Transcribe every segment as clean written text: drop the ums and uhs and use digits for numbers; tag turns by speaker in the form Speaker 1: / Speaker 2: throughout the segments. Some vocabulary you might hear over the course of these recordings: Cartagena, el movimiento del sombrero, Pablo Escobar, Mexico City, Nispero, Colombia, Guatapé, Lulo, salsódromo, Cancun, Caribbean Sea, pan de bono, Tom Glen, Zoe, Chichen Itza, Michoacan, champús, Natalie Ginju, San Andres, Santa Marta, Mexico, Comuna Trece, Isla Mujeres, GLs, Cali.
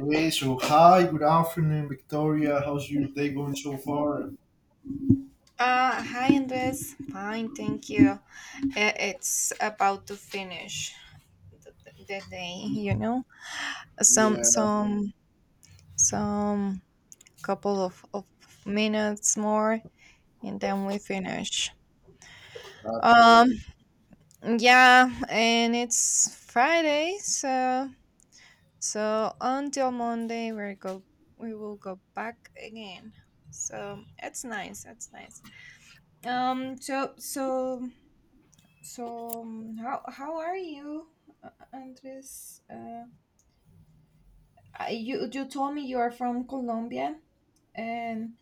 Speaker 1: Okay, so hi, good afternoon, Victoria. How's your day going so far?
Speaker 2: Hi Andres. Fine, thank you. It's about to finish the day. Some some some couple of minutes more, and then we finish. Um
Speaker 1: Absolutely.
Speaker 2: yeah, and it's Friday, so until Monday we will go back again. So it's nice, it's nice. Um so so how are you, Andres? You told me you are from Colombia, and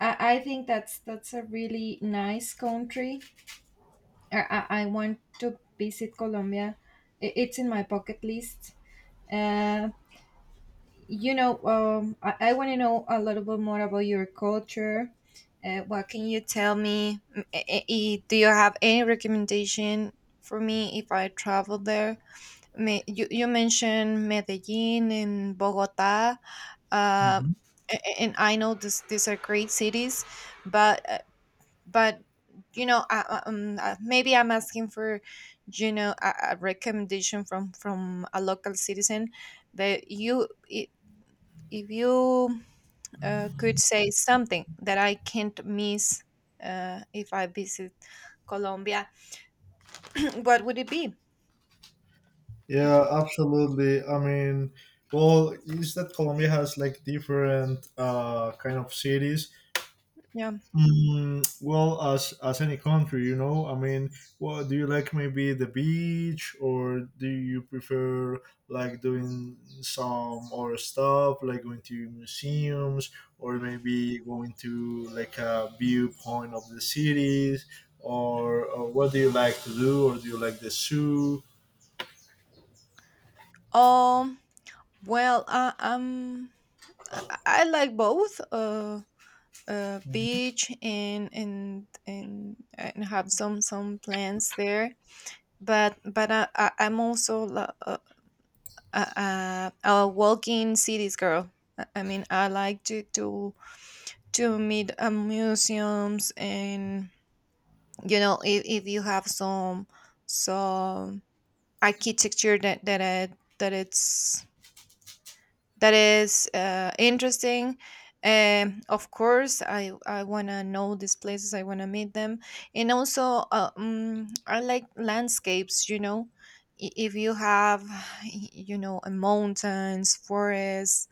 Speaker 2: I think that's a really nice country. I want to visit Colombia. It's in my bucket list. Uh, I want to know a little bit more about your culture. What can you tell me? Do you have any recommendation for me if I travel there? You mentioned Medellin and Bogota, uh,
Speaker 1: Mhm.
Speaker 2: a- and I know these are great cities, but uh, but you know, I- maybe I'm asking for a recommendation from a local citizen that you i- if you could say something that I can't miss, if I visit Colombia, what would it be?
Speaker 1: Yeah, absolutely. I mean, well, is that Colombia has like different kind of cities.
Speaker 2: Yeah.
Speaker 1: Well, as any country, you know, I mean, well, do you like maybe the beach, or do you prefer like doing some other stuff, like going to museums, or maybe going to like a viewpoint of the cities, or what do you like to do, or do you like the zoo?
Speaker 2: Um. Well, I like both, beach, and have some plants there. But I'm also a walking cities girl. I mean, I like to meet, museums, and if you have some architecture that that it, that it's that is interesting. Of course, I wanna know these places. I wanna meet them, and also, I like landscapes. You know, if you have, a mountains, forests,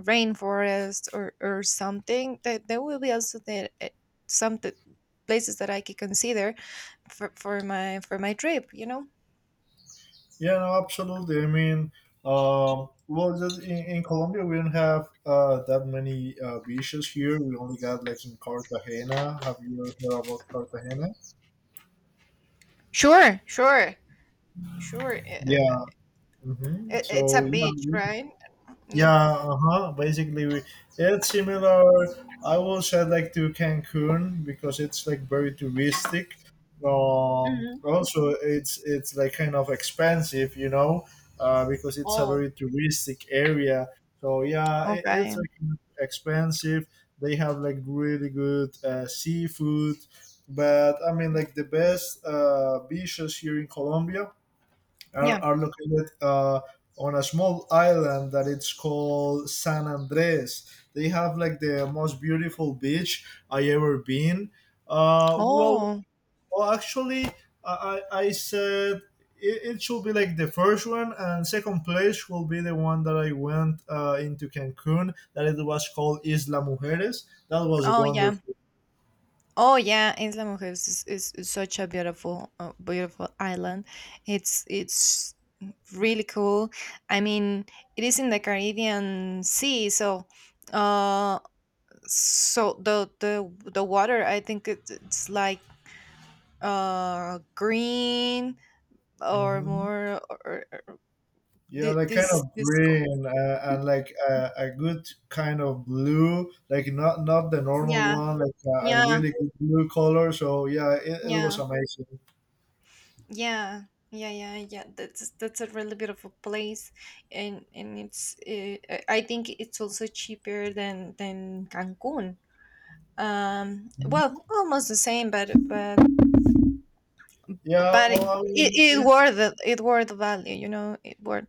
Speaker 2: rainforest, or something, that there will be also the some t- places that I could consider for my trip, you know.
Speaker 1: Yeah, no, absolutely. I mean, well, just in Colombia, we don't have that many beaches here. We only got like in Cartagena. Have you ever heard about Cartagena?
Speaker 2: Sure, sure, sure.
Speaker 1: Yeah.
Speaker 2: It's a
Speaker 1: So
Speaker 2: beach,
Speaker 1: yeah,
Speaker 2: right? Yeah.
Speaker 1: yeah, uh-huh. Basically, it's similar. I will say like to Cancun because it's like very touristic. Also, it's like kind of expensive, you know, because it's a
Speaker 2: Oh,
Speaker 1: very touristic area. So yeah, it's
Speaker 2: okay.
Speaker 1: like expensive. They have like really good seafood, but I mean like the best beaches here in Colombia are,
Speaker 2: Yeah.
Speaker 1: are located on a small island that it's called San Andres. They have like the most beautiful beach I ever been. Uh, well,
Speaker 2: Oh,
Speaker 1: well, actually, I said it should be like the first one, and second place will be the one that I went into Cancun. That it was called Isla Mujeres. That was
Speaker 2: oh, yeah.
Speaker 1: wonderful.
Speaker 2: Oh, yeah. Isla Mujeres is such a beautiful, beautiful island. It's really cool. I mean, it is in the Caribbean Sea, so, uh, the water, I think it's like green, or
Speaker 1: Mhm.
Speaker 2: more,
Speaker 1: Yeah,
Speaker 2: thi-
Speaker 1: like kind
Speaker 2: this
Speaker 1: of
Speaker 2: this co-
Speaker 1: green and like a good kind of blue, like not the normal
Speaker 2: yeah,
Speaker 1: one, like a
Speaker 2: yeah,
Speaker 1: really good blue color. So yeah, it was
Speaker 2: yeah,
Speaker 1: amazing.
Speaker 2: yeah, yeah, yeah, yeah. That's a really beautiful place, and it's I think it's also cheaper than Cancun. Well, almost the same,
Speaker 1: Yeah,
Speaker 2: but
Speaker 1: well, I mean,
Speaker 2: it
Speaker 1: it.
Speaker 2: worth it worth the value. It worth.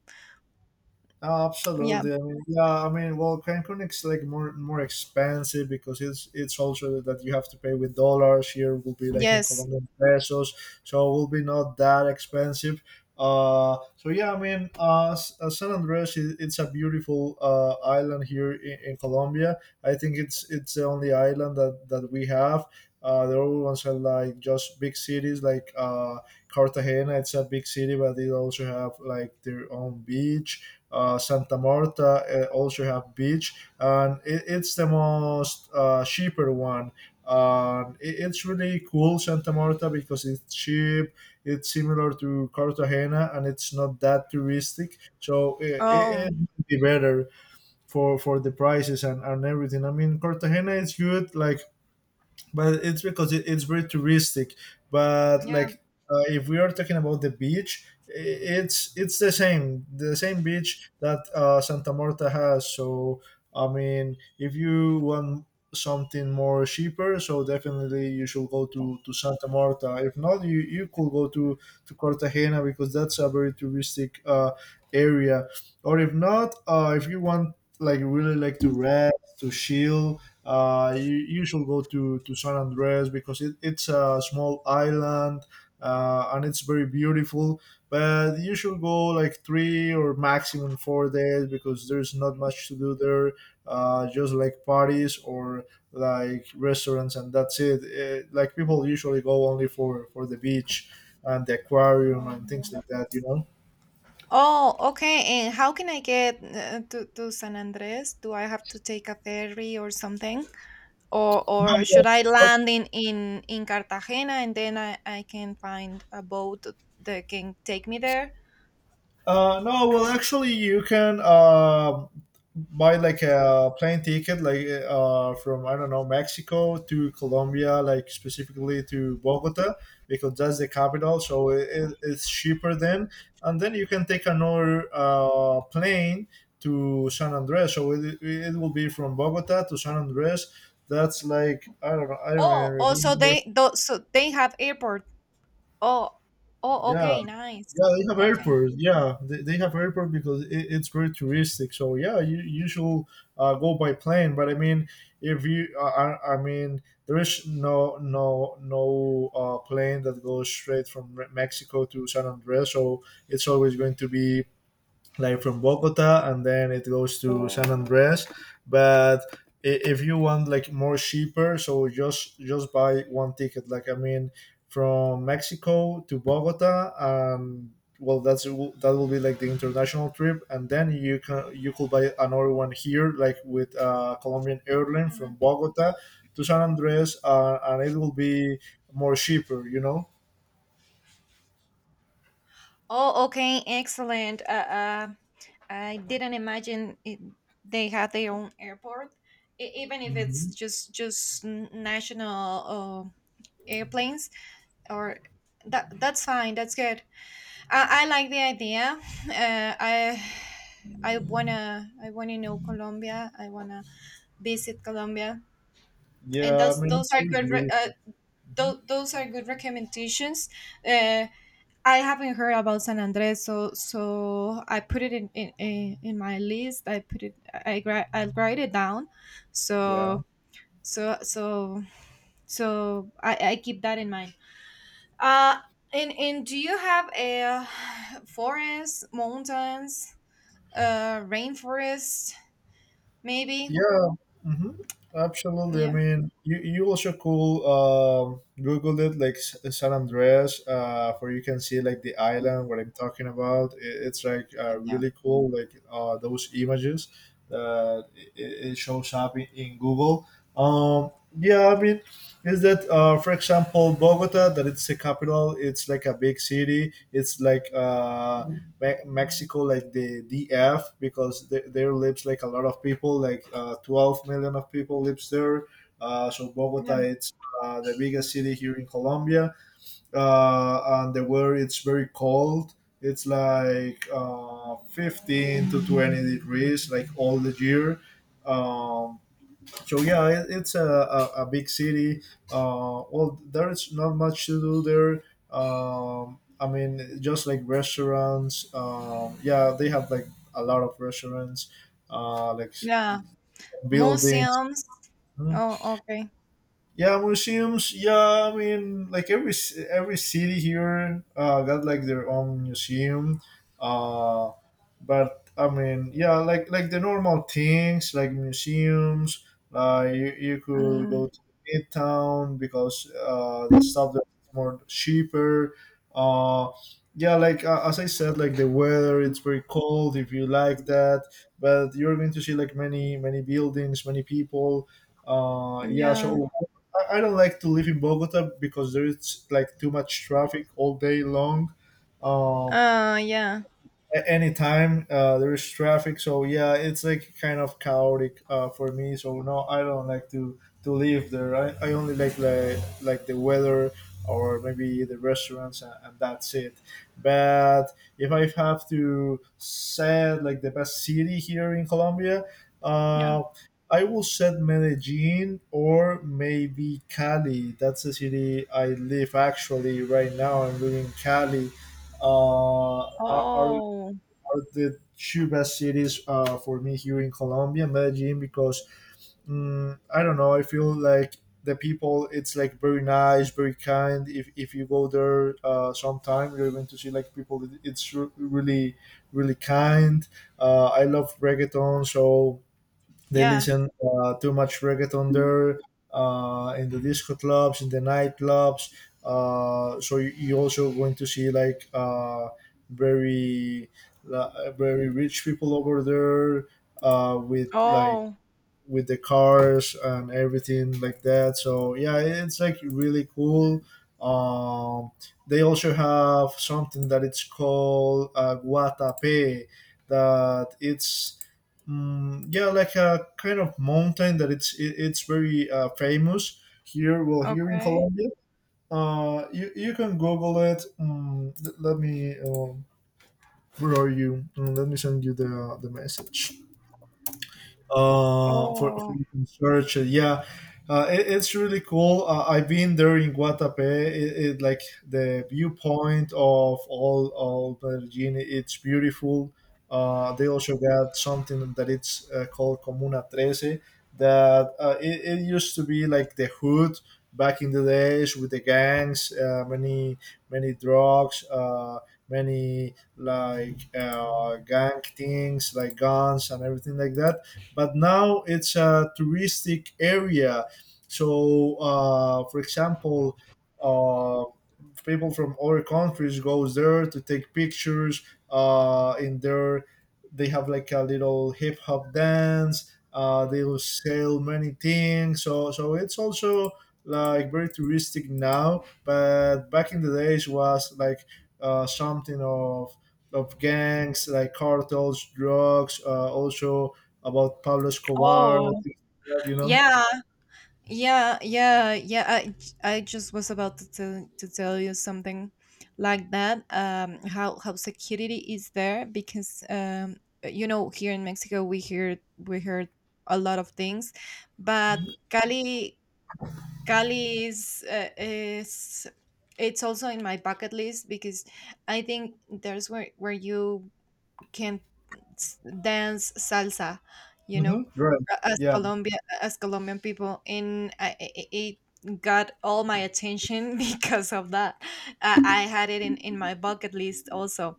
Speaker 1: Oh,
Speaker 2: Yeah.
Speaker 1: absolutely. I mean, yeah. I mean, well, Cancun is like more expensive because it's also that you have to pay with dollars. Here will be like in
Speaker 2: Yes.
Speaker 1: Colombian pesos, so it will be not that expensive. So yeah, I mean, San Andres is it's a beautiful island here in Colombia. I think it's the only island that we have. The other ones are like just big cities like Cartagena. It's a big city, but they also have like their own beach. Santa Marta also have beach, and it's the most cheaper one. And it's really cool Santa Marta because it's cheap. It's similar to Cartagena, and it's not that touristic, so it, it,
Speaker 2: Oh.
Speaker 1: it would be better for the prices and everything. I mean, Cartagena is good, like, but it's because it's very touristic. But
Speaker 2: Yeah.
Speaker 1: like, if we are talking about the beach, it's the same beach that Santa Marta has. So I mean, if you want something more cheaper, so definitely you should go to Santa Marta. If not, you could go to Cartagena because that's a very touristic area. Or if not, if you want like really like to rest to chill you should go to San Andres because it's a small island and it's very beautiful. But you should go like 3 or maximum 4 days because there's not much to do there, just like parties or like restaurants and that's it. Like people usually go only for the beach and the aquarium and things like that, you know?
Speaker 2: Oh, okay. And how can I get, to San Andres? Do I have to take a ferry or something? Or should I
Speaker 1: No.
Speaker 2: land in Cartagena, and then I can find a boat that can take me there?
Speaker 1: No, well, actually, you can buy like a plane ticket, like from I don't know Mexico to Colombia, like specifically to Bogota, because that's the capital, so it's cheaper then. And then you can take another plane to San Andres, so it will be from Bogota to San Andres. That's like I don't know, I don't even
Speaker 2: Oh, oh, so
Speaker 1: remember.
Speaker 2: they tho- so they have airport. Oh, oh,
Speaker 1: Yeah,
Speaker 2: okay, nice.
Speaker 1: yeah, they have
Speaker 2: Okay.
Speaker 1: airports. Yeah, they have airport because it's very touristic. So yeah, you should go by plane. But I mean, if you, I mean, there is no plane that goes straight from Mexico to San Andres. So it's always going to be like from Bogota, and then it goes to San Andres. But if you want like more cheaper, so just buy one ticket. Like I mean, from Mexico to Bogota. Well, that will be like the international trip, and then you could buy another one here, like with Colombian airline from
Speaker 2: Mhm.
Speaker 1: Bogota to San Andres, and it will be more cheaper. You know.
Speaker 2: Oh, okay, excellent. Uh, I didn't imagine it, they had their own airport, even if it's
Speaker 1: Hmm.
Speaker 2: just national airplanes, or that's fine. That's good. I like the idea. Uh, I I wanna know Colombia. I wanna visit Colombia, and
Speaker 1: Yeah, I
Speaker 2: those
Speaker 1: mean
Speaker 2: those
Speaker 1: it's
Speaker 2: are
Speaker 1: really
Speaker 2: good.
Speaker 1: beautiful.
Speaker 2: Those are good recommendations. Uh, I haven't heard about San Andres, so I put it in my list. I put it. I write it down.
Speaker 1: Yeah.
Speaker 2: So so so so I keep that in mind. Uh, and do you have a forest mountains? Rainforest maybe?
Speaker 1: Yeah, hmm absolutely. I
Speaker 2: Yeah,
Speaker 1: mean, you also could Google it like San Andreas, where you can see like the island what I'm talking about. It's like
Speaker 2: yeah,
Speaker 1: really cool, like those images that it shows up in Google. Um, yeah, I mean, is that for example Bogota that it's a capital. It's like a big city. It's like Mexico, like the df, because there lives like a lot of people, like 12 million of people lives there, so Bogota
Speaker 2: yeah,
Speaker 1: it's the biggest city here in Colombia, and the weather it's very cold. It's like 15 to 20 degrees like all the year. um, so yeah, it's a big city. Well, there's not much to do there. I mean, just like restaurants. Yeah, they have like a lot of restaurants, like
Speaker 2: yeah.
Speaker 1: buildings.
Speaker 2: Museums.
Speaker 1: Hmm?
Speaker 2: Oh, okay.
Speaker 1: Yeah, museums. Yeah, I mean, like every every city here got like their own museum. Uh, but I mean, yeah, like the normal things like museums. Like you could
Speaker 2: Mm,
Speaker 1: go to Midtown because the stuff there is more cheaper. Uh, yeah, like as I said, like the weather, it's very cold if you like that. But you're going to see like many many buildings, many people. Yeah,
Speaker 2: yeah.
Speaker 1: so I don't like to live in Bogota because there is like too much traffic all day long. Um,
Speaker 2: Yeah,
Speaker 1: at any time there is traffic, so yeah, it's like kind of chaotic for me. So no, I don't like to live there. I only like, like the weather or maybe the restaurants and that's it. But if I have to say like the best city here in colombia,
Speaker 2: yeah.
Speaker 1: uh, I will set Medellin or maybe Cali. That's the city I live, actually. Right now I'm living in Cali. Are
Speaker 2: Oh,
Speaker 1: the two best cities for me here in Colombia, Medellin, because I don't know. I feel like the people it's like very nice, very kind. If you go there sometime you're going to see like people that it's really kind. I love reggaeton, so they
Speaker 2: yeah.
Speaker 1: listen too much reggaeton there in the disco clubs, in the nightclubs. So you also going to see like very, very rich people over there with like
Speaker 2: Oh,
Speaker 1: with the cars and everything like that. So yeah, it's like really cool. Um, they also have something that it's called Guatape, that it's yeah like a kind of mountain that it's very famous here. Well, here in
Speaker 2: okay.
Speaker 1: Colombia, you can Google it. Let me. Where are you? Let me send you the message for
Speaker 2: Oh,
Speaker 1: you can search it. Yeah, it's really cool. I've been there in Guatapé. It like the viewpoint of all Medellin. It's beautiful. They also got something that it's called Comuna Trece. That it used to be like the hood back in the days with the gangs, many many drugs. Many like gang things like guns and everything like that, but now it's a touristic area. So, for example, uh, people from other countries goes there to take pictures. In there, they have like a little hip hop dance. They will sell many things. So it's also like very touristic now. But back in the days was like something of gangs like cartels, drugs, also about Pablo Escobar,
Speaker 2: oh,
Speaker 1: things like that, you know.
Speaker 2: yeah. Yeah, yeah, yeah. I just was about to tell you something like that. How security is there, because, you know, here in Mexico we heard a lot of things, but Cali Cali is it's also in my bucket list, because I think there's where you can dance salsa, you know,
Speaker 1: Mm-hmm. Right.
Speaker 2: a- as
Speaker 1: Yeah.
Speaker 2: Colombia as Colombian people, and it got all my attention because of that. I had it in my bucket list also,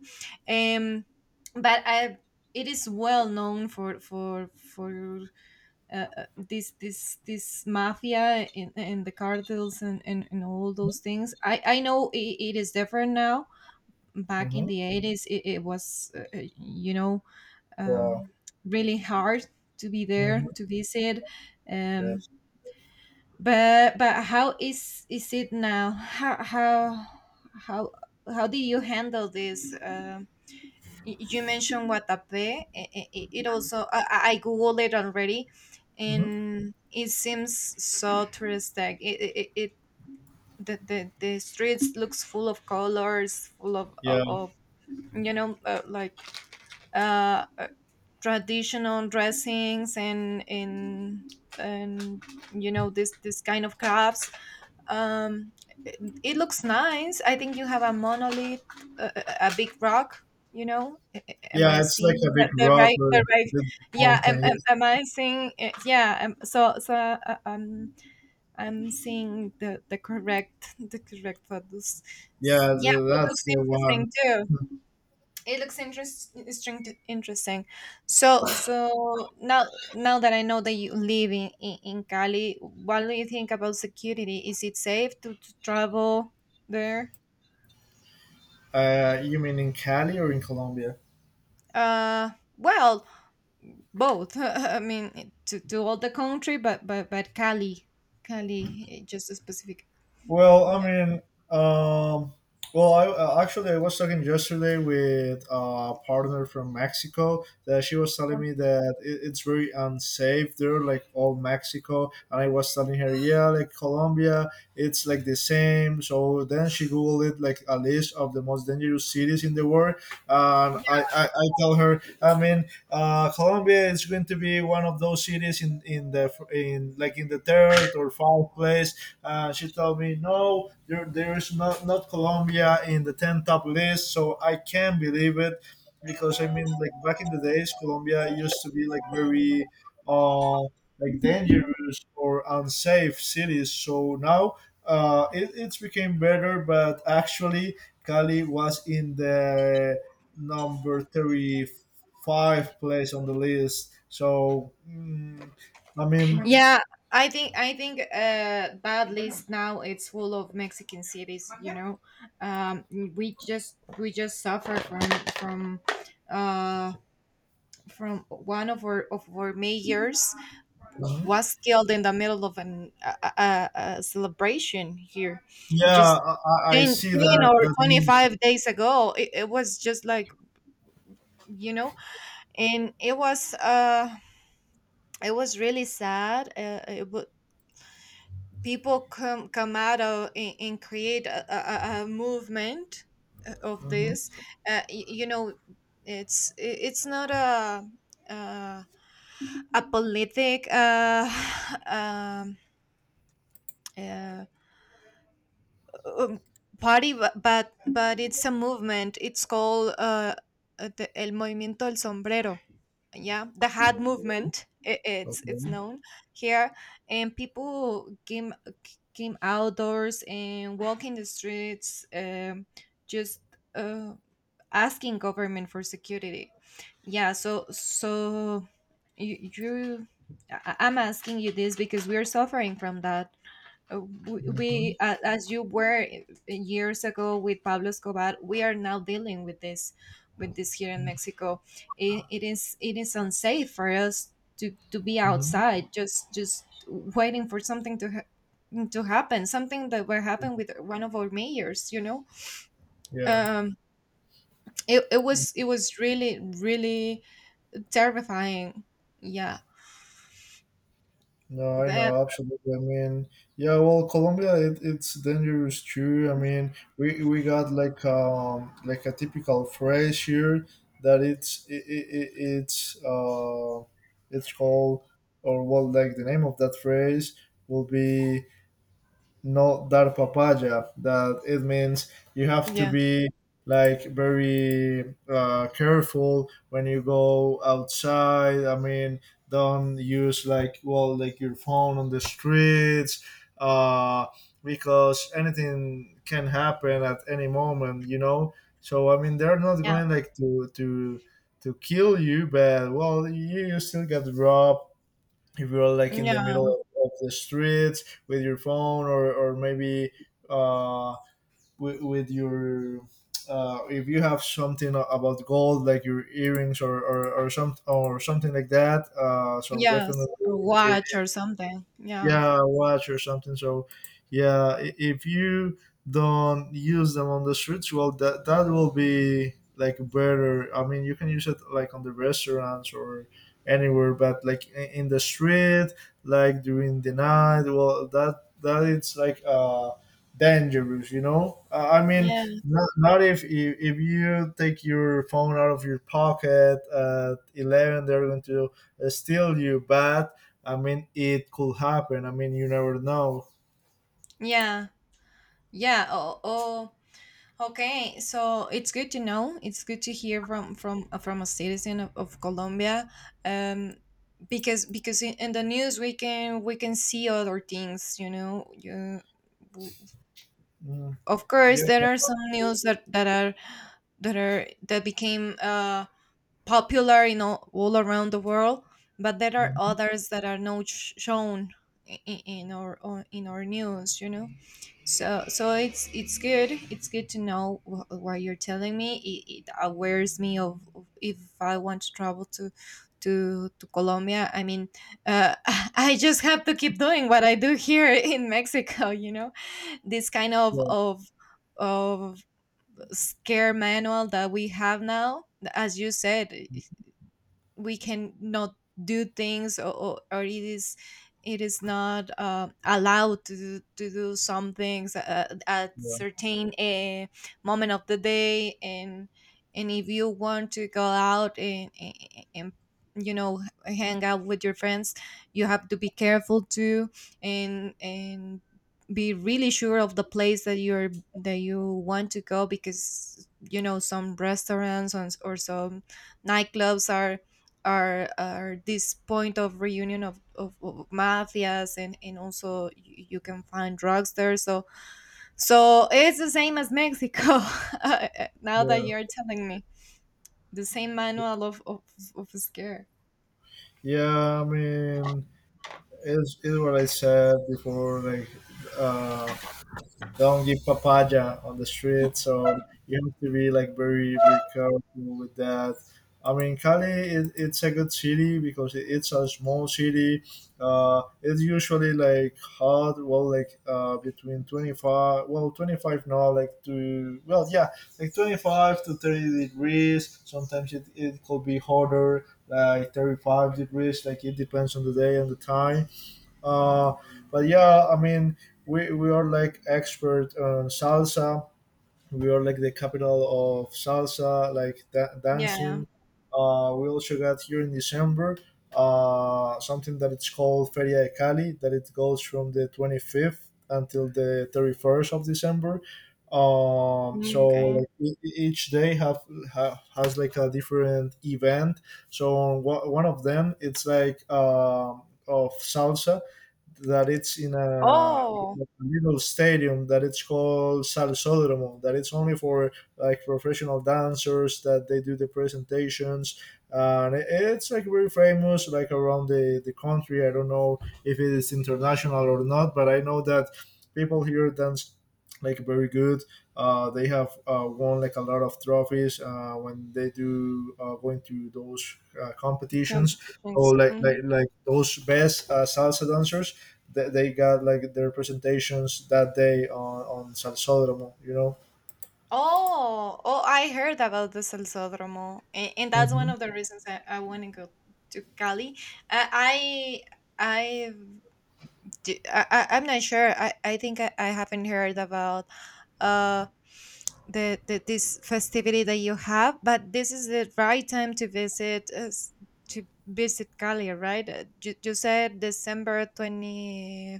Speaker 2: um, but I. It is well known for this mafia, and the cartels, and all those things. I know it is different now. Back in
Speaker 1: Mm-hmm.
Speaker 2: the 80s, it was, you know,
Speaker 1: Yeah.
Speaker 2: um, really hard to be
Speaker 1: Mm-hmm.
Speaker 2: there to visit. Um,
Speaker 1: Yes.
Speaker 2: but how is it now? How how did you handle this? You mentioned Watape. It also I googled it already,
Speaker 1: Mm-hmm.
Speaker 2: and it seems so touristic. The streets looks full of colors, full of of,
Speaker 1: Yeah.
Speaker 2: of you know uh, like uh, traditional dressings, and this kind of crafts. um it, it looks nice. I think you have a monolith, a big rock, you know. Am I
Speaker 1: Yeah, it's like a
Speaker 2: seeing the,
Speaker 1: big
Speaker 2: the
Speaker 1: rock
Speaker 2: right the
Speaker 1: with
Speaker 2: right...
Speaker 1: the
Speaker 2: Yeah,
Speaker 1: mountain. Yes.
Speaker 2: am I seeing it? Yeah. I'm seeing the correct photos.
Speaker 1: Yeah,
Speaker 2: Yeah, it looks
Speaker 1: that's the one.
Speaker 2: interesting. Interesting. Interesting. Now, that I know that you live in Cali, what do you think about security? Is it safe to travel there?
Speaker 1: You mean in Cali or in Colombia?
Speaker 2: Uh, well, both. I mean, to all the country, but just a specific.
Speaker 1: Well, I mean, um, well, I actually I was talking yesterday with a partner from Mexico that she was telling me that it's very unsafe there, like all Mexico, and I was telling her, yeah, like Colombia, it's like the same. So then she googled it, like a list of the most dangerous cities in the world, and I tell her, I mean, Colombia is going to be one of those cities in like in the third or fourth place. She told me, no, there is not Colombia in the 10 top list. So I can't believe it because I mean, like back in the days, Colombia used to be like very, uh, like dangerous or unsafe cities. So now it's became better, but actually Cali was in the number 35 place on the list. So, I mean.
Speaker 2: Yeah, I think bad list now it's full of Mexican cities, you know. Um we just suffer from uh from one of our mayors was killed in the middle of a celebration here
Speaker 1: Yeah,
Speaker 2: just
Speaker 1: I
Speaker 2: 10,
Speaker 1: see
Speaker 2: ten
Speaker 1: that.
Speaker 2: or
Speaker 1: That. meme.
Speaker 2: 25 days ago. It was just like, you know. And it was, really sad. People come out of, and create a movement, of
Speaker 1: Mhm.
Speaker 2: this. You know, it's not a, uh, politic, um, uh, um, party, but it's a movement. It's called, el movimiento del sombrero. Yeah, the hat movement, it's
Speaker 1: Okay.
Speaker 2: known here. And people came walking outdoors and walking the streets, just uh, asking government for security. Yeah, you, you I'm asking you this because we are suffering from that,
Speaker 1: Mhm.
Speaker 2: as you were years ago with Pablo Escobar. We are now dealing with this here in Mexico. It is unsafe for us to be
Speaker 1: Mhm.
Speaker 2: outside, just waiting for something to happen, something that will happen with one of our mayors, you know.
Speaker 1: Yeah.
Speaker 2: Um it was really really terrifying. Yeah.
Speaker 1: No, I
Speaker 2: That
Speaker 1: know absolutely. I mean, yeah. Well, Colombia, it's dangerous too. I mean, we got like a typical phrase here that it's it, it, it's called, or well, like the name of that phrase will be "not dar papaya," that it means you have to
Speaker 2: Yeah.
Speaker 1: be like very careful when you go outside. I mean, don't use like, well, like your phone on the streets uh, because anything can happen at any moment so I mean they're not
Speaker 2: Yeah.
Speaker 1: going like to kill you, but well, you still get robbed if you're like in the
Speaker 2: Yeah.
Speaker 1: middle of the streets with your phone, or maybe uh, with your if you have something about gold like your earrings, or some or something like that so definitely
Speaker 2: Yes. A
Speaker 1: it,
Speaker 2: watch or something. Yeah.
Speaker 1: yeah, watch or something. So yeah, if you don't use them on the streets, well, that will be like better. I mean, you can use it like on the restaurants or anywhere, but like in the street like during the night, well, that it's like dangerous. I mean,
Speaker 2: Yeah.
Speaker 1: not if, if you take your phone out of your pocket at 11, they're going to steal you. But I mean, it could happen. I mean, you never know.
Speaker 2: Yeah, yeah. Oh, okay. So it's good to know. It's good to hear from a citizen of Colombia, um, because in the news we can see other things. You know, w-
Speaker 1: Mm,
Speaker 2: of course
Speaker 1: yeah.
Speaker 2: there are some news that became popular in all around the world, but there are
Speaker 1: Mm,
Speaker 2: others that are not shown in our news. You know, so it's good. It's good to know what you're telling me. It awares me of if I want to travel to. To Colombia. I mean, uh, I just have to keep doing what I do here in Mexico. You know, this kind
Speaker 1: yeah,
Speaker 2: of scare manual that we have now, as you said, we can not do things, or it is not allowed to do some things, at
Speaker 1: yeah,
Speaker 2: certain moment of the day. And if you want to go out and you know, hang out with your friends, you have to be careful too, and be really sure of the place that you want to go, because you know, some restaurants, or some nightclubs are this point of reunion of mafias, and you can find drugs there. So it's the same as Mexico uh, now that you're telling me, the same
Speaker 1: yeah,
Speaker 2: manual of scare.
Speaker 1: yeah. I mean, it's what I said before. Like, uh, don't give papaya on the street. So you have to be like very very careful with that. I mean, Cali it's a good city because it's a small city. It's usually like hot, well, like between 25, well, 25 now, like to, well, yeah, like 25 to 30 degrees. Sometimes it could be hotter, like 35 degrees. Like it depends on the day and the time uh, but yeah, I mean, we are like expert on salsa. We are like the capital of salsa, like
Speaker 2: Yeah.
Speaker 1: dancing. We also got here in December something that it's called Feria de Cali, that it goes from the 25th until the 31st of December. So
Speaker 2: Okay.
Speaker 1: like each day has like a different event. So on one of them, it's like of salsa, that it's in a
Speaker 2: Oh.
Speaker 1: little stadium that it's called Salsódromo, that it's only for like professional dancers that they do the presentations. And it's like very famous like around the country. I don't know if it is international or not, but I know that people here dance like very good. They have won like a lot of trophies when they do going to those competitions. So
Speaker 2: Competitions.
Speaker 1: like
Speaker 2: Mhm.
Speaker 1: those best salsa dancers, they got like their presentations that day on Salsódromo, you know?
Speaker 2: Oh, I heard about the salsódromo, and that's one
Speaker 1: Hmm.
Speaker 2: of the reasons I want to go to Cali. uh, i i I've I'm not sure. I think I haven't heard about uh the this festivity that you have, but this is the right time to to visit Cali, right? You said December twenty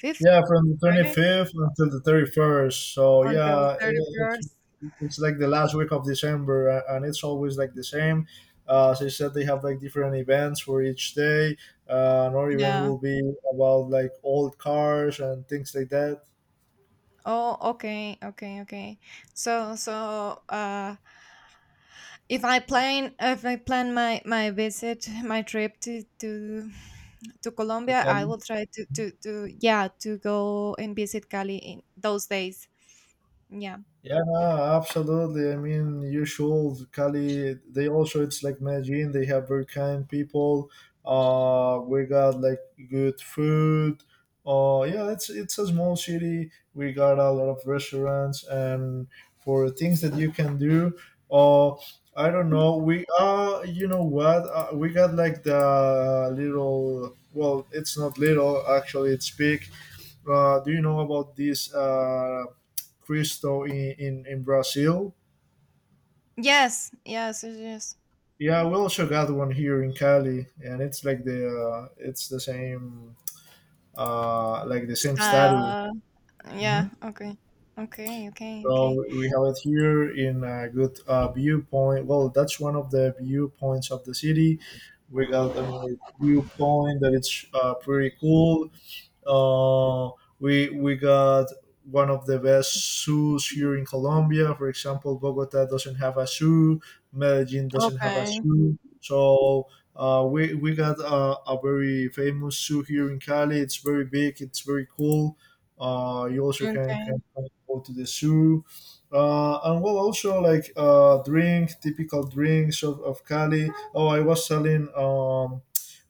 Speaker 2: fifth,
Speaker 1: Yeah, from the
Speaker 2: right?
Speaker 1: 25th until the 31st. So,
Speaker 2: Until
Speaker 1: yeah,
Speaker 2: thirty
Speaker 1: it, it's,
Speaker 2: first.
Speaker 1: it's like the last week of December, and it's always like the same. As I said, they have like different events for each day. Another event
Speaker 2: Yeah.
Speaker 1: will be about like old cars and things like that.
Speaker 2: Oh, okay, okay, okay. So if I plan my visit, my trip to Colombia, I will try to, yeah, to go and visit Cali in those days. Yeah.
Speaker 1: Yeah, no, absolutely. I mean, you should. Cali, they also, it's like Medellin, they have very kind people. We got like good food. Yeah, it's a small city. We got a lot of restaurants and for things that you can do. Uh, I don't know. We you know what? We got like the little. Well, it's not little. Actually, it's big. Do you know about this Cristo in Brazil?
Speaker 2: Yes. Yes. Yes. Yes.
Speaker 1: Yeah, we also got one here in Cali, and it's like the it's the same, like the same statue.
Speaker 2: Style.
Speaker 1: Hmm.
Speaker 2: Yeah. Okay. Okay. Okay.
Speaker 1: So
Speaker 2: Okay.
Speaker 1: we have it here in a good viewpoint. Well, that's one of the viewpoints of the city. We got a nice viewpoint that it's pretty cool. Uh, we got one of the best zoos here in Colombia. For example, Bogota doesn't have a zoo, Medellin doesn't have a
Speaker 2: Okay.
Speaker 1: zoo. So we got a very famous zoo here in Cali. It's very big. It's very cool. You also can
Speaker 2: Okay.
Speaker 1: go to the zoo. And well, also like drink typical drinks of Cali. Oh, I was telling um,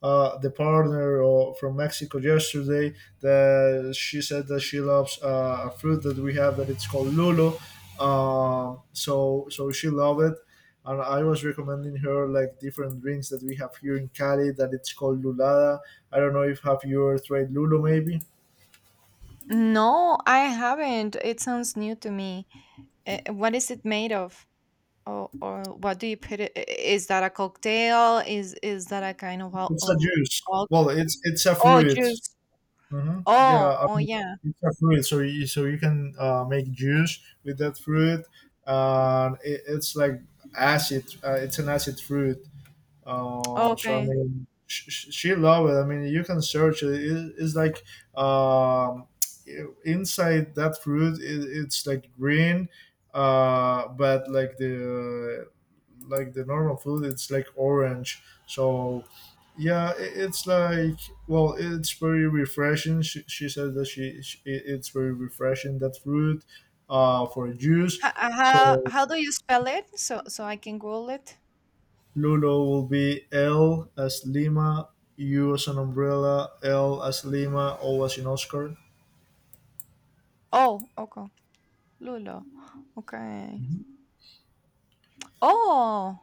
Speaker 1: uh, the partner, or from Mexico, yesterday that she said that she loves a fruit that we have that it's called lulo. So she loved it, and I was recommending her like different drinks that we have here in Cali that it's called lulada. I don't know if have you ever tried lulo maybe.
Speaker 2: No, I haven't. It sounds new to me. What is it made of? Or what do you put it? Is that a cocktail? Is that a kind of al-
Speaker 1: It's a
Speaker 2: um
Speaker 1: juice. Well, it's a
Speaker 2: Oh,
Speaker 1: fruit.
Speaker 2: juice.
Speaker 1: Hmm. Yeah,
Speaker 2: Oh,
Speaker 1: I
Speaker 2: oh
Speaker 1: mean,
Speaker 2: yeah.
Speaker 1: it's a fruit. So you can make juice with that fruit, and it's like acid. It's an acid fruit. So I
Speaker 2: Okay.
Speaker 1: mean, she loved it. I mean, you can search it. It's like, um, inside that fruit, it's like green, but like the normal food, it's like orange. So yeah, it's like, well, it's very refreshing. She said that it's very refreshing, that fruit, for juice.
Speaker 2: H- uh, how
Speaker 1: So
Speaker 2: how do you spell it? So I can Google it.
Speaker 1: Lulo will be "L as Lima, U as an umbrella, L as Lima, O as in Oscar."
Speaker 2: Oh, okay. Lulo. Okay. Oh,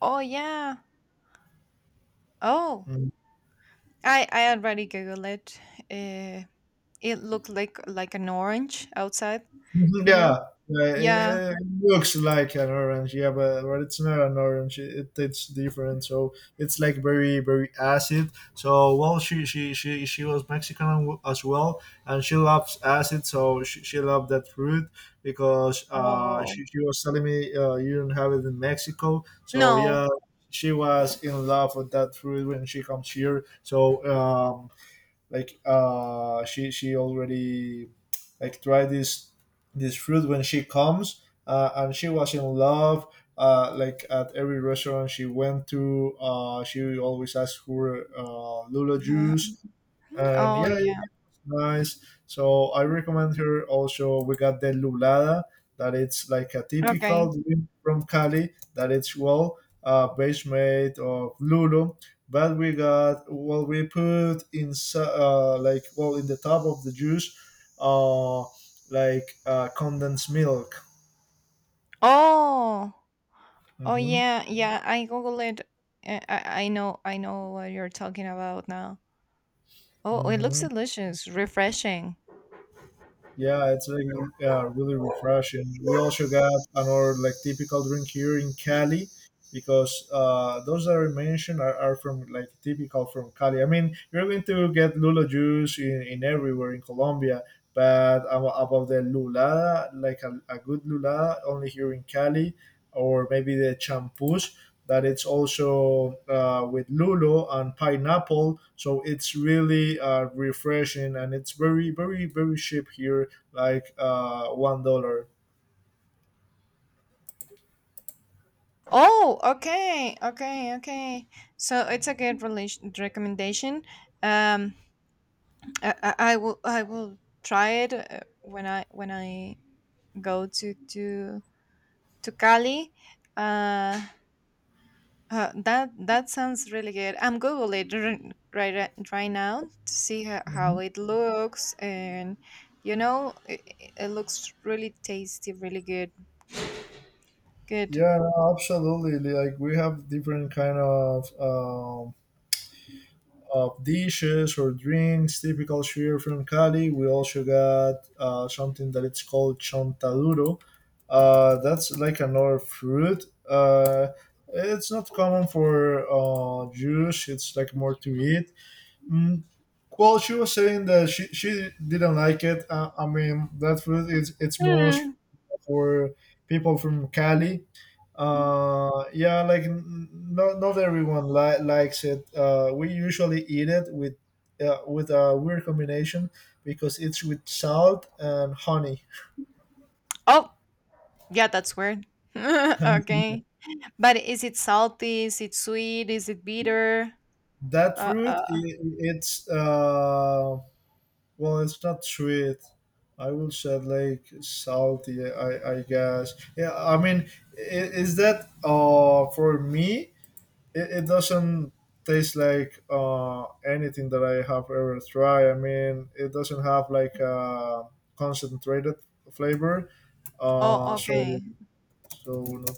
Speaker 2: oh yeah. Oh, I already Googled it. Uh, it looked like an orange outside.
Speaker 1: Mhm.
Speaker 2: You know.
Speaker 1: Yeah,
Speaker 2: Yeah.
Speaker 1: yeah, it looks like an orange, yeah, but it's not an orange. It's different, so it's like very very acid. So well, she was Mexican as well, and she loves acid, so she loved that fruit because
Speaker 2: Oh,
Speaker 1: she was telling me you don't have it in Mexico, so
Speaker 2: no.
Speaker 1: yeah. She was in love with that fruit when she comes here. So um, like she already like tried this fruit when she comes, and she was in love. Like at every restaurant she went to, she always asked for Lula juice, and
Speaker 2: Oh
Speaker 1: yeah, it
Speaker 2: yeah.
Speaker 1: was nice. So I recommend her. Also, we got the lulada, that it's like a
Speaker 2: Okay.
Speaker 1: typical drink from Cali, that it's, well, base made of lulu, but we got, well, we put in, like, well, in the top of the juice, uh, like condensed milk.
Speaker 2: Oh. Oh
Speaker 1: Hmm.
Speaker 2: yeah. Yeah. I Googled it. I know. I know what you're talking about now. Oh, it looks
Speaker 1: Hmm.
Speaker 2: delicious, refreshing.
Speaker 1: Yeah, it's like, yeah, really refreshing. We also got another like typical drink here in Cali because those that I mentioned are from like typical from Cali. I mean, you're going to get lula juice in everywhere in Colombia, but about the lula, like a good lula, only here in Cali, or maybe the champús, that it's also with lulo and pineapple, so it's really refreshing, and it's very very very cheap here, like $1.
Speaker 2: Oh, okay, okay, okay. So it's a good relation recommendation. Um, I will try it, when I go to Cali. Uh, that sounds really good. I'm Google it right now to see how
Speaker 1: Mhm.
Speaker 2: it looks, and it looks really tasty, really good. Good.
Speaker 1: Yeah, no, absolutely. Like we have different kind of dishes or drinks typical here from Cali. We also got something that it's called chontaduro. That's like another fruit. It's not common for juice. It's like more to eat. Mm, Well, she was saying that she didn't like it. I mean, that food is it's more
Speaker 2: Hmm.
Speaker 1: for people from Cali. Yeah, like not everyone likes it. We usually eat it with a weird combination because it's with salt and honey.
Speaker 2: Oh, yeah, that's weird. Okay. But is it salty? Is it sweet? Is it bitter?
Speaker 1: that
Speaker 2: Uh,
Speaker 1: fruit, I
Speaker 2: uh,
Speaker 1: it's. Well, it's not sweet. I will say like salty. I guess. Yeah. I mean, is that for me? It doesn't taste like anything that I have ever tried. I mean, it doesn't have like a concentrated flavor.
Speaker 2: oh,
Speaker 1: So
Speaker 2: okay.
Speaker 1: no.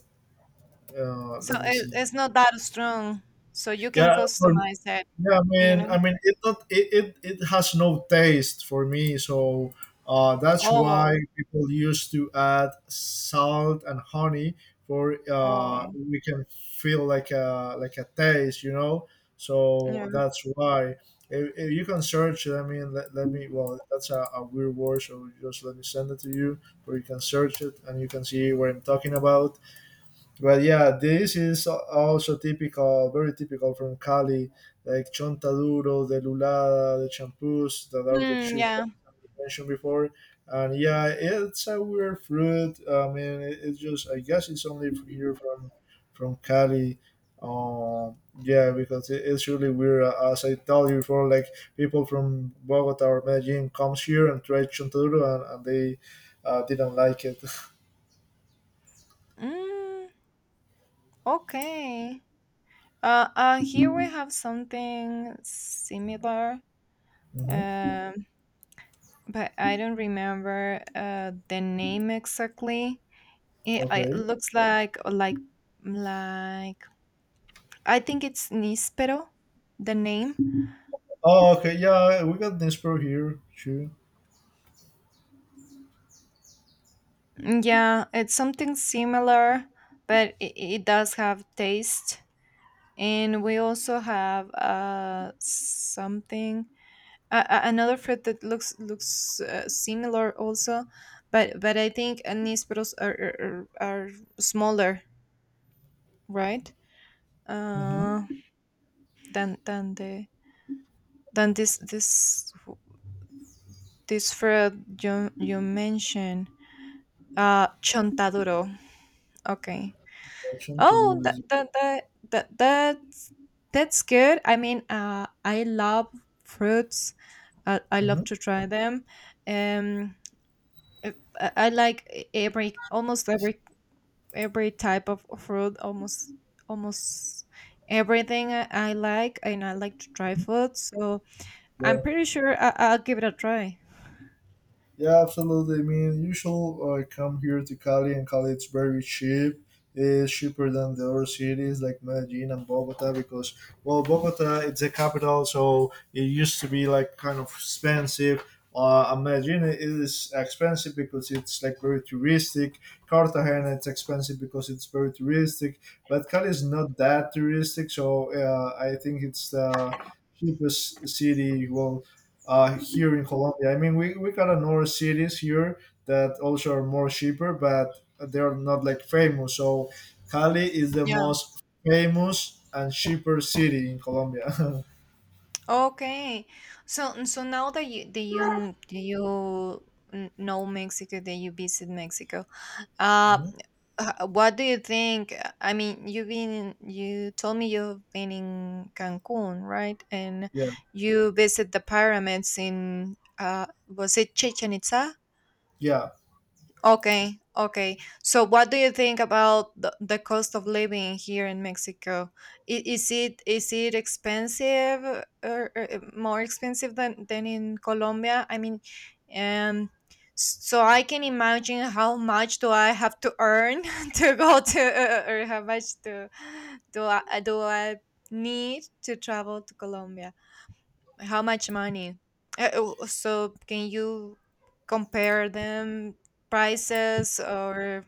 Speaker 2: So
Speaker 1: Let me
Speaker 2: it,
Speaker 1: see.
Speaker 2: it's not that strong. So you can
Speaker 1: Yeah, for
Speaker 2: customize it,
Speaker 1: yeah, I
Speaker 2: you
Speaker 1: mean, I
Speaker 2: know?
Speaker 1: mean, it not it has no taste for me, so that's why
Speaker 2: Oh,
Speaker 1: people used to add salt and honey for,
Speaker 2: oh,
Speaker 1: we can feel like a taste.
Speaker 2: yeah.
Speaker 1: So that's why, if you can search it. I mean, let me. Well, that's a weird word, so just let me send it to you, where you can search it and you can see what I'm talking about. Well, yeah, this is also typical, very typical from Cali, like Chontaduro, the Lulada, the Champús, that are the
Speaker 2: Mm,
Speaker 1: two that
Speaker 2: yeah.
Speaker 1: we mentioned before. And yeah, it's a weird fruit. It's just I guess it's only here from Cali. Yeah, because it's really weird. As I told you before, like people from Bogota or Medellin comes here and tried chontaduro and they didn't like it.
Speaker 2: Mm, okay. Here we have something similar,
Speaker 1: hmm
Speaker 2: um, but I don't remember, the name exactly. It
Speaker 1: Okay.
Speaker 2: looks like, I think it's Nispero, the name.
Speaker 1: Oh, okay. Yeah, we got Dnipro here too.
Speaker 2: Yeah, it's something similar, but it does have taste. And we also have, something, another fruit that looks similar also, but I think anisperos are smaller, right?
Speaker 1: Mm-hmm.
Speaker 2: Uh, than the than this this this fruit you mentioned. Chontaduro. Okay.
Speaker 1: Action to
Speaker 2: Oh, that
Speaker 1: lose.
Speaker 2: that that, that that's that's good. I mean, I love fruits. I love
Speaker 1: Mhm.
Speaker 2: to try them. Um, I, I like e- every almost every type of fruit. Almost everything I like, and I like to try food. So I'm
Speaker 1: Yeah.
Speaker 2: pretty sure I'll give it a try.
Speaker 1: Yeah, absolutely. I mean, usual I come here to Cali, and Cali it's very cheap. It's cheaper than the other cities like Medellin and Bogota because, well, Bogota it's a capital, so it used to be like kind of expensive. And Medellin it is expensive because it's like very touristic. Cartagena it's expensive because it's very touristic. But Cali is not that touristic, so I think it's the cheapest city. Well, here in Colombia. I mean, we got a north cities here that also are more cheaper, but they're not like famous. So Cali is the
Speaker 2: Yeah.
Speaker 1: most famous and cheaper city in Colombia.
Speaker 2: Okay. So now that you know Mexico, that you visit Mexico. Uh,
Speaker 1: Mhm.
Speaker 2: what do you think? I mean, you've been, you told me you've been in Cancun, right? And
Speaker 1: Yeah,
Speaker 2: you visit the pyramids in, was it Chichen Itza?
Speaker 1: yeah.
Speaker 2: Okay, okay. So, what do you think about the cost of living here in Mexico? Is it expensive, or more expensive than in Colombia? I mean, um, so I can imagine how much do I have to earn to go to, or how much do I need to travel to Colombia? How much money? Oh, so can you compare them prices, or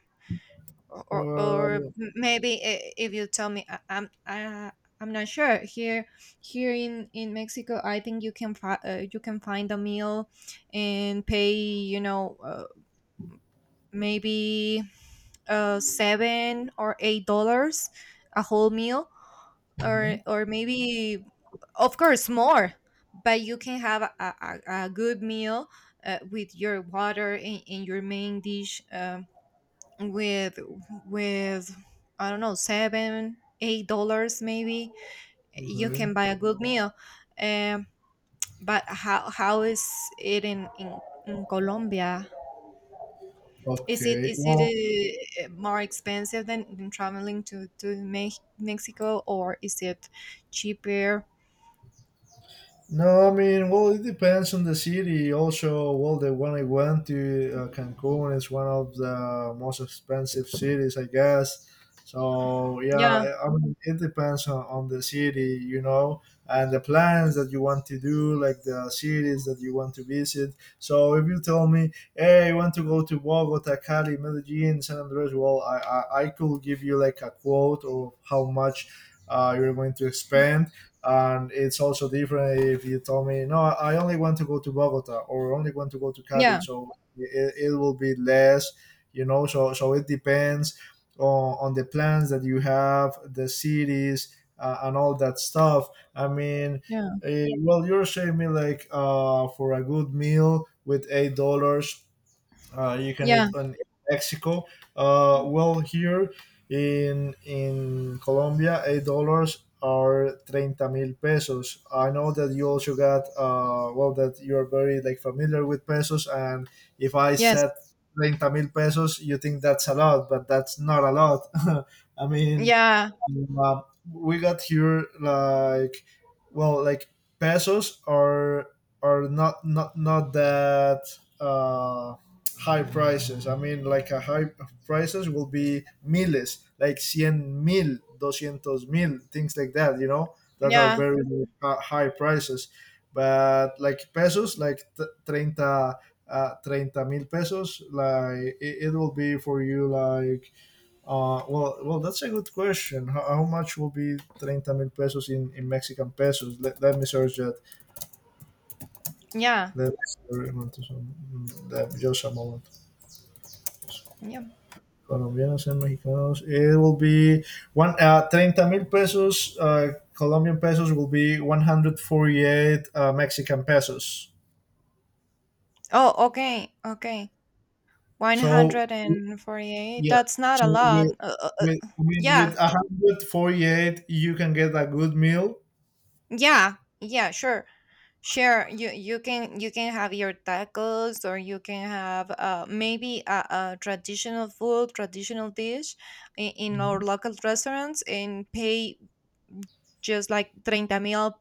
Speaker 2: or or
Speaker 1: Well,
Speaker 2: m- maybe, if you tell me. I'm not sure. Here in Mexico I think you can find a meal and pay, maybe 7 or 8 dollars, a whole meal,
Speaker 1: mhm,
Speaker 2: or maybe, of course, more. But you can have a good meal, with your water in, your main dish, with with, I don't know, $7-$8 maybe, you
Speaker 1: okay.
Speaker 2: can buy a good meal. Um, but how is it in, in Colombia? is it
Speaker 1: Okay.
Speaker 2: is it uh, more expensive than traveling to Mexico, or is it cheaper?
Speaker 1: No, I mean, well, it depends on the city. Also, well, the one I went to, Cancun, is one of the most expensive cities, I guess. So, yeah,
Speaker 2: Yeah,
Speaker 1: I mean, it depends on the city, you know, and the plans that you want to do, like the cities that you want to visit. So, if you tell me, hey, I want to go to Bogota, Cali, Medellin, San Andres, well, I could give you like a quote of how much you're going to spend, and it's also different if you tell me no, I only want to go to Bogota or only want to go to Cali.
Speaker 2: yeah,
Speaker 1: So it will be less, you know. So so it depends on the plans that you have, the cities and all that stuff. i mean
Speaker 2: yeah,
Speaker 1: you're saving me like for a good meal with $8 you can eat
Speaker 2: yeah,
Speaker 1: in Mexico. Well, here in Colombia, $8 are treinta mil pesos. I know that you also got well, that you are very like familiar with pesos, and if I
Speaker 2: yes,
Speaker 1: said treinta mil pesos, you think that's a lot, but that's not a lot. I mean,
Speaker 2: yeah,
Speaker 1: uh, we got here like, well, like pesos are not that uh, high prices. I mean, like a high prices will be miles like 100 mil, 200 mil, things like that, you know, that are
Speaker 2: yeah,
Speaker 1: very high prices. But like pesos, like 30, 30 mil pesos, like it will be for you like, well, that's a good question. How much will be 30 mil pesos in Mexican pesos? Let me search that.
Speaker 2: yeah,
Speaker 1: Let me search that, just a moment.
Speaker 2: yeah.
Speaker 1: Colombianos and Mexicanos. It will be one 30 mil pesos. Colombian pesos will be 148 Mexican pesos.
Speaker 2: Oh, okay, okay.
Speaker 1: So,
Speaker 2: 148.
Speaker 1: yeah.
Speaker 2: That's not a
Speaker 1: So
Speaker 2: lot.
Speaker 1: with I mean,
Speaker 2: Yeah,
Speaker 1: with 148, you can get a good meal.
Speaker 2: yeah, yeah, sure. Sure, you can have your tacos, or you can have, maybe a traditional food, traditional dish in, our local restaurants, and pay just like treinta mil,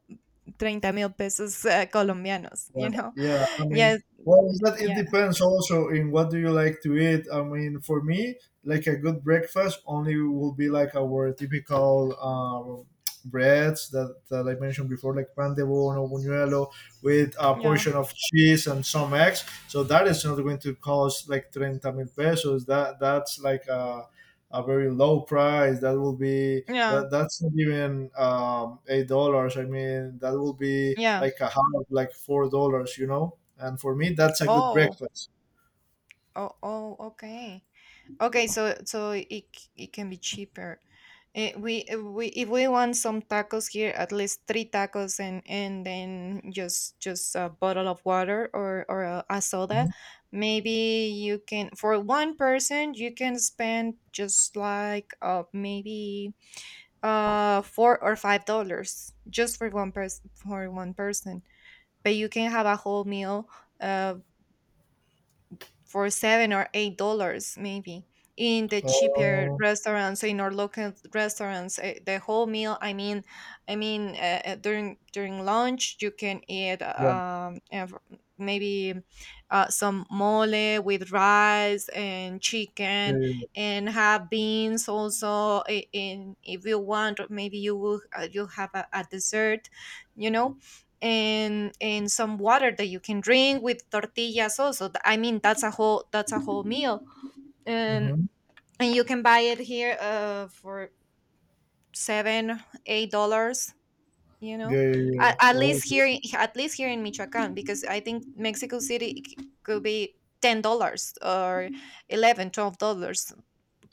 Speaker 2: treinta mil pesos, colombianos, you
Speaker 1: Yeah,
Speaker 2: know?
Speaker 1: yeah. I mean,
Speaker 2: Yes,
Speaker 1: well, is that it
Speaker 2: yeah,
Speaker 1: depends also in what do you like to eat. I mean, for me, like a good breakfast only will be like our typical breads that I mentioned before, like pan de bono, buñuelo, with a
Speaker 2: yeah.
Speaker 1: portion of cheese and some eggs. So that is not going to cost like treinta mil pesos. That's like a very low price. That will be
Speaker 2: Yeah,
Speaker 1: that's not even $8. I mean, that will be
Speaker 2: yeah.
Speaker 1: like a half, like $4. You know, and for me, that's a good
Speaker 2: Oh,
Speaker 1: breakfast.
Speaker 2: oh, oh. Okay, okay. So it can be cheaper. Eh, we If we want some tacos here, at least three tacos, and then just a bottle of water, or a soda.
Speaker 1: Mhm.
Speaker 2: Maybe, you can for one person, you can spend just like, maybe $4 or $5, just for one person, but you can have a whole meal, uh. for $7 or $8 maybe, in the cheaper
Speaker 1: Oh,
Speaker 2: restaurants, in our local restaurants, the whole meal, I mean during lunch you can eat,
Speaker 1: yeah,
Speaker 2: maybe, some mole with rice and
Speaker 1: yeah,
Speaker 2: chicken,
Speaker 1: yeah, yeah.
Speaker 2: and have beans also, I- in if you want. Maybe you will, you have a dessert, you know and some water that you can drink, with tortillas also. Th- I mean that's a whole meal, and
Speaker 1: Mhm.
Speaker 2: and you can buy it here, for $7-$8, you know.
Speaker 1: Yeah, yeah,
Speaker 2: at,
Speaker 1: yeah.
Speaker 2: at
Speaker 1: Oh,
Speaker 2: least here in Michoacan, because I think Mexico City could be $10 or 11, $12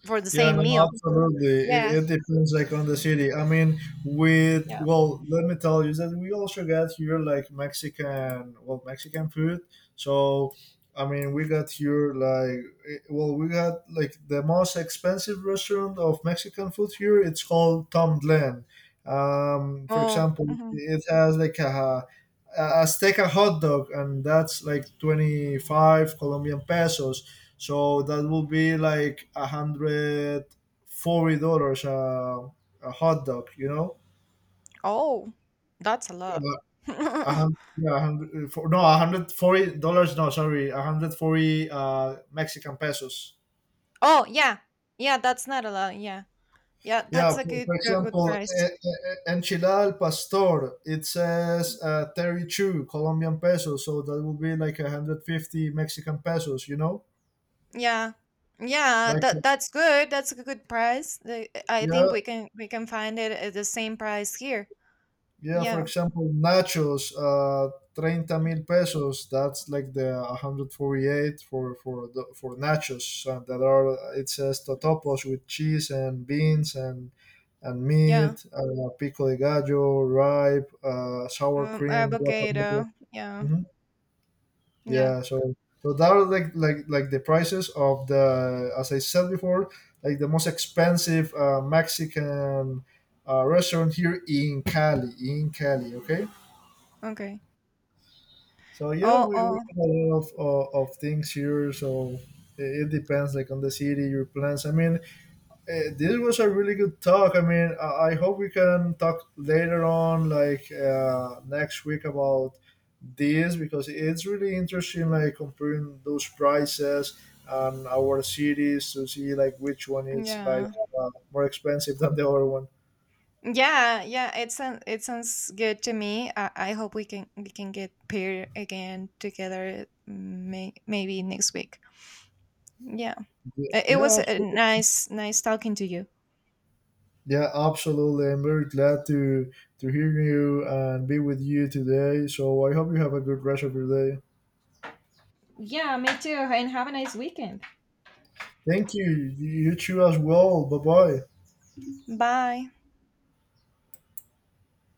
Speaker 2: for the
Speaker 1: yeah,
Speaker 2: same
Speaker 1: no,
Speaker 2: meal.
Speaker 1: absolutely. It,
Speaker 2: Yeah,
Speaker 1: it depends, like on the city. I mean, with
Speaker 2: yeah.
Speaker 1: well, let me tell you that we also got here like Mexican, well, Mexican food. So, I mean, we got here like, we got like the most expensive restaurant of Mexican food here. It's called Tom Glen. For
Speaker 2: Oh,
Speaker 1: example,
Speaker 2: mhm.
Speaker 1: it has like a steak, a hot dog, and that's like 25 Colombian pesos, so that would be like $140 a hot dog. You know,
Speaker 2: Oh, that's a lot.
Speaker 1: uh, a hundred. Yeah, a hundred for, no, $140. No, sorry, a hundred 40 Mexican pesos.
Speaker 2: Oh, yeah, yeah, that's not a lot, yeah. Yeah,
Speaker 1: Yeah,
Speaker 2: that's a good,
Speaker 1: for
Speaker 2: a good
Speaker 1: example,
Speaker 2: price.
Speaker 1: enchilada al pastor. It says 32 Colombian pesos, so that would be like 150 Mexican pesos. You know,
Speaker 2: Yeah. Yeah,
Speaker 1: like
Speaker 2: that's good. That's a good price. I think
Speaker 1: yeah.
Speaker 2: we can find it at the same price here.
Speaker 1: Yeah, for
Speaker 2: Yeah.
Speaker 1: example, nachos, 30 mil pesos. That's like the 148 for the, for nachos that are. It says totopos with cheese and beans and
Speaker 2: Yeah.
Speaker 1: meat, pico de gallo, ripe, sour cream, guacamole.
Speaker 2: Avocado. Yeah.
Speaker 1: Mhm.
Speaker 2: Yeah.
Speaker 1: Yeah, so so that are like the prices of the, as I said before, like the most expensive Mexican restaurant here in Cali, in Cali. Okay.
Speaker 2: Okay.
Speaker 1: So yeah,
Speaker 2: Oh,
Speaker 1: we
Speaker 2: oh.
Speaker 1: have a lot of things here. So it depends, like on the city, your plans. I mean, this was a really good talk. I mean, I hope we can talk later on, like next week, about this because it's really interesting, like comparing those prices and our cities to see like which one is like
Speaker 2: Yeah.
Speaker 1: more expensive than the other one.
Speaker 2: Yeah, yeah, it sounds good to me. I hope we can get paired again together, maybe next week. Yeah. It was
Speaker 1: Yeah,
Speaker 2: a nice talking to you.
Speaker 1: yeah, absolutely. I'm very glad to hear you and be with you today. So I hope you have a good rest of your day.
Speaker 2: Yeah, me too. And have a nice weekend.
Speaker 1: Thank you. You too as well. Bye bye.
Speaker 2: Bye.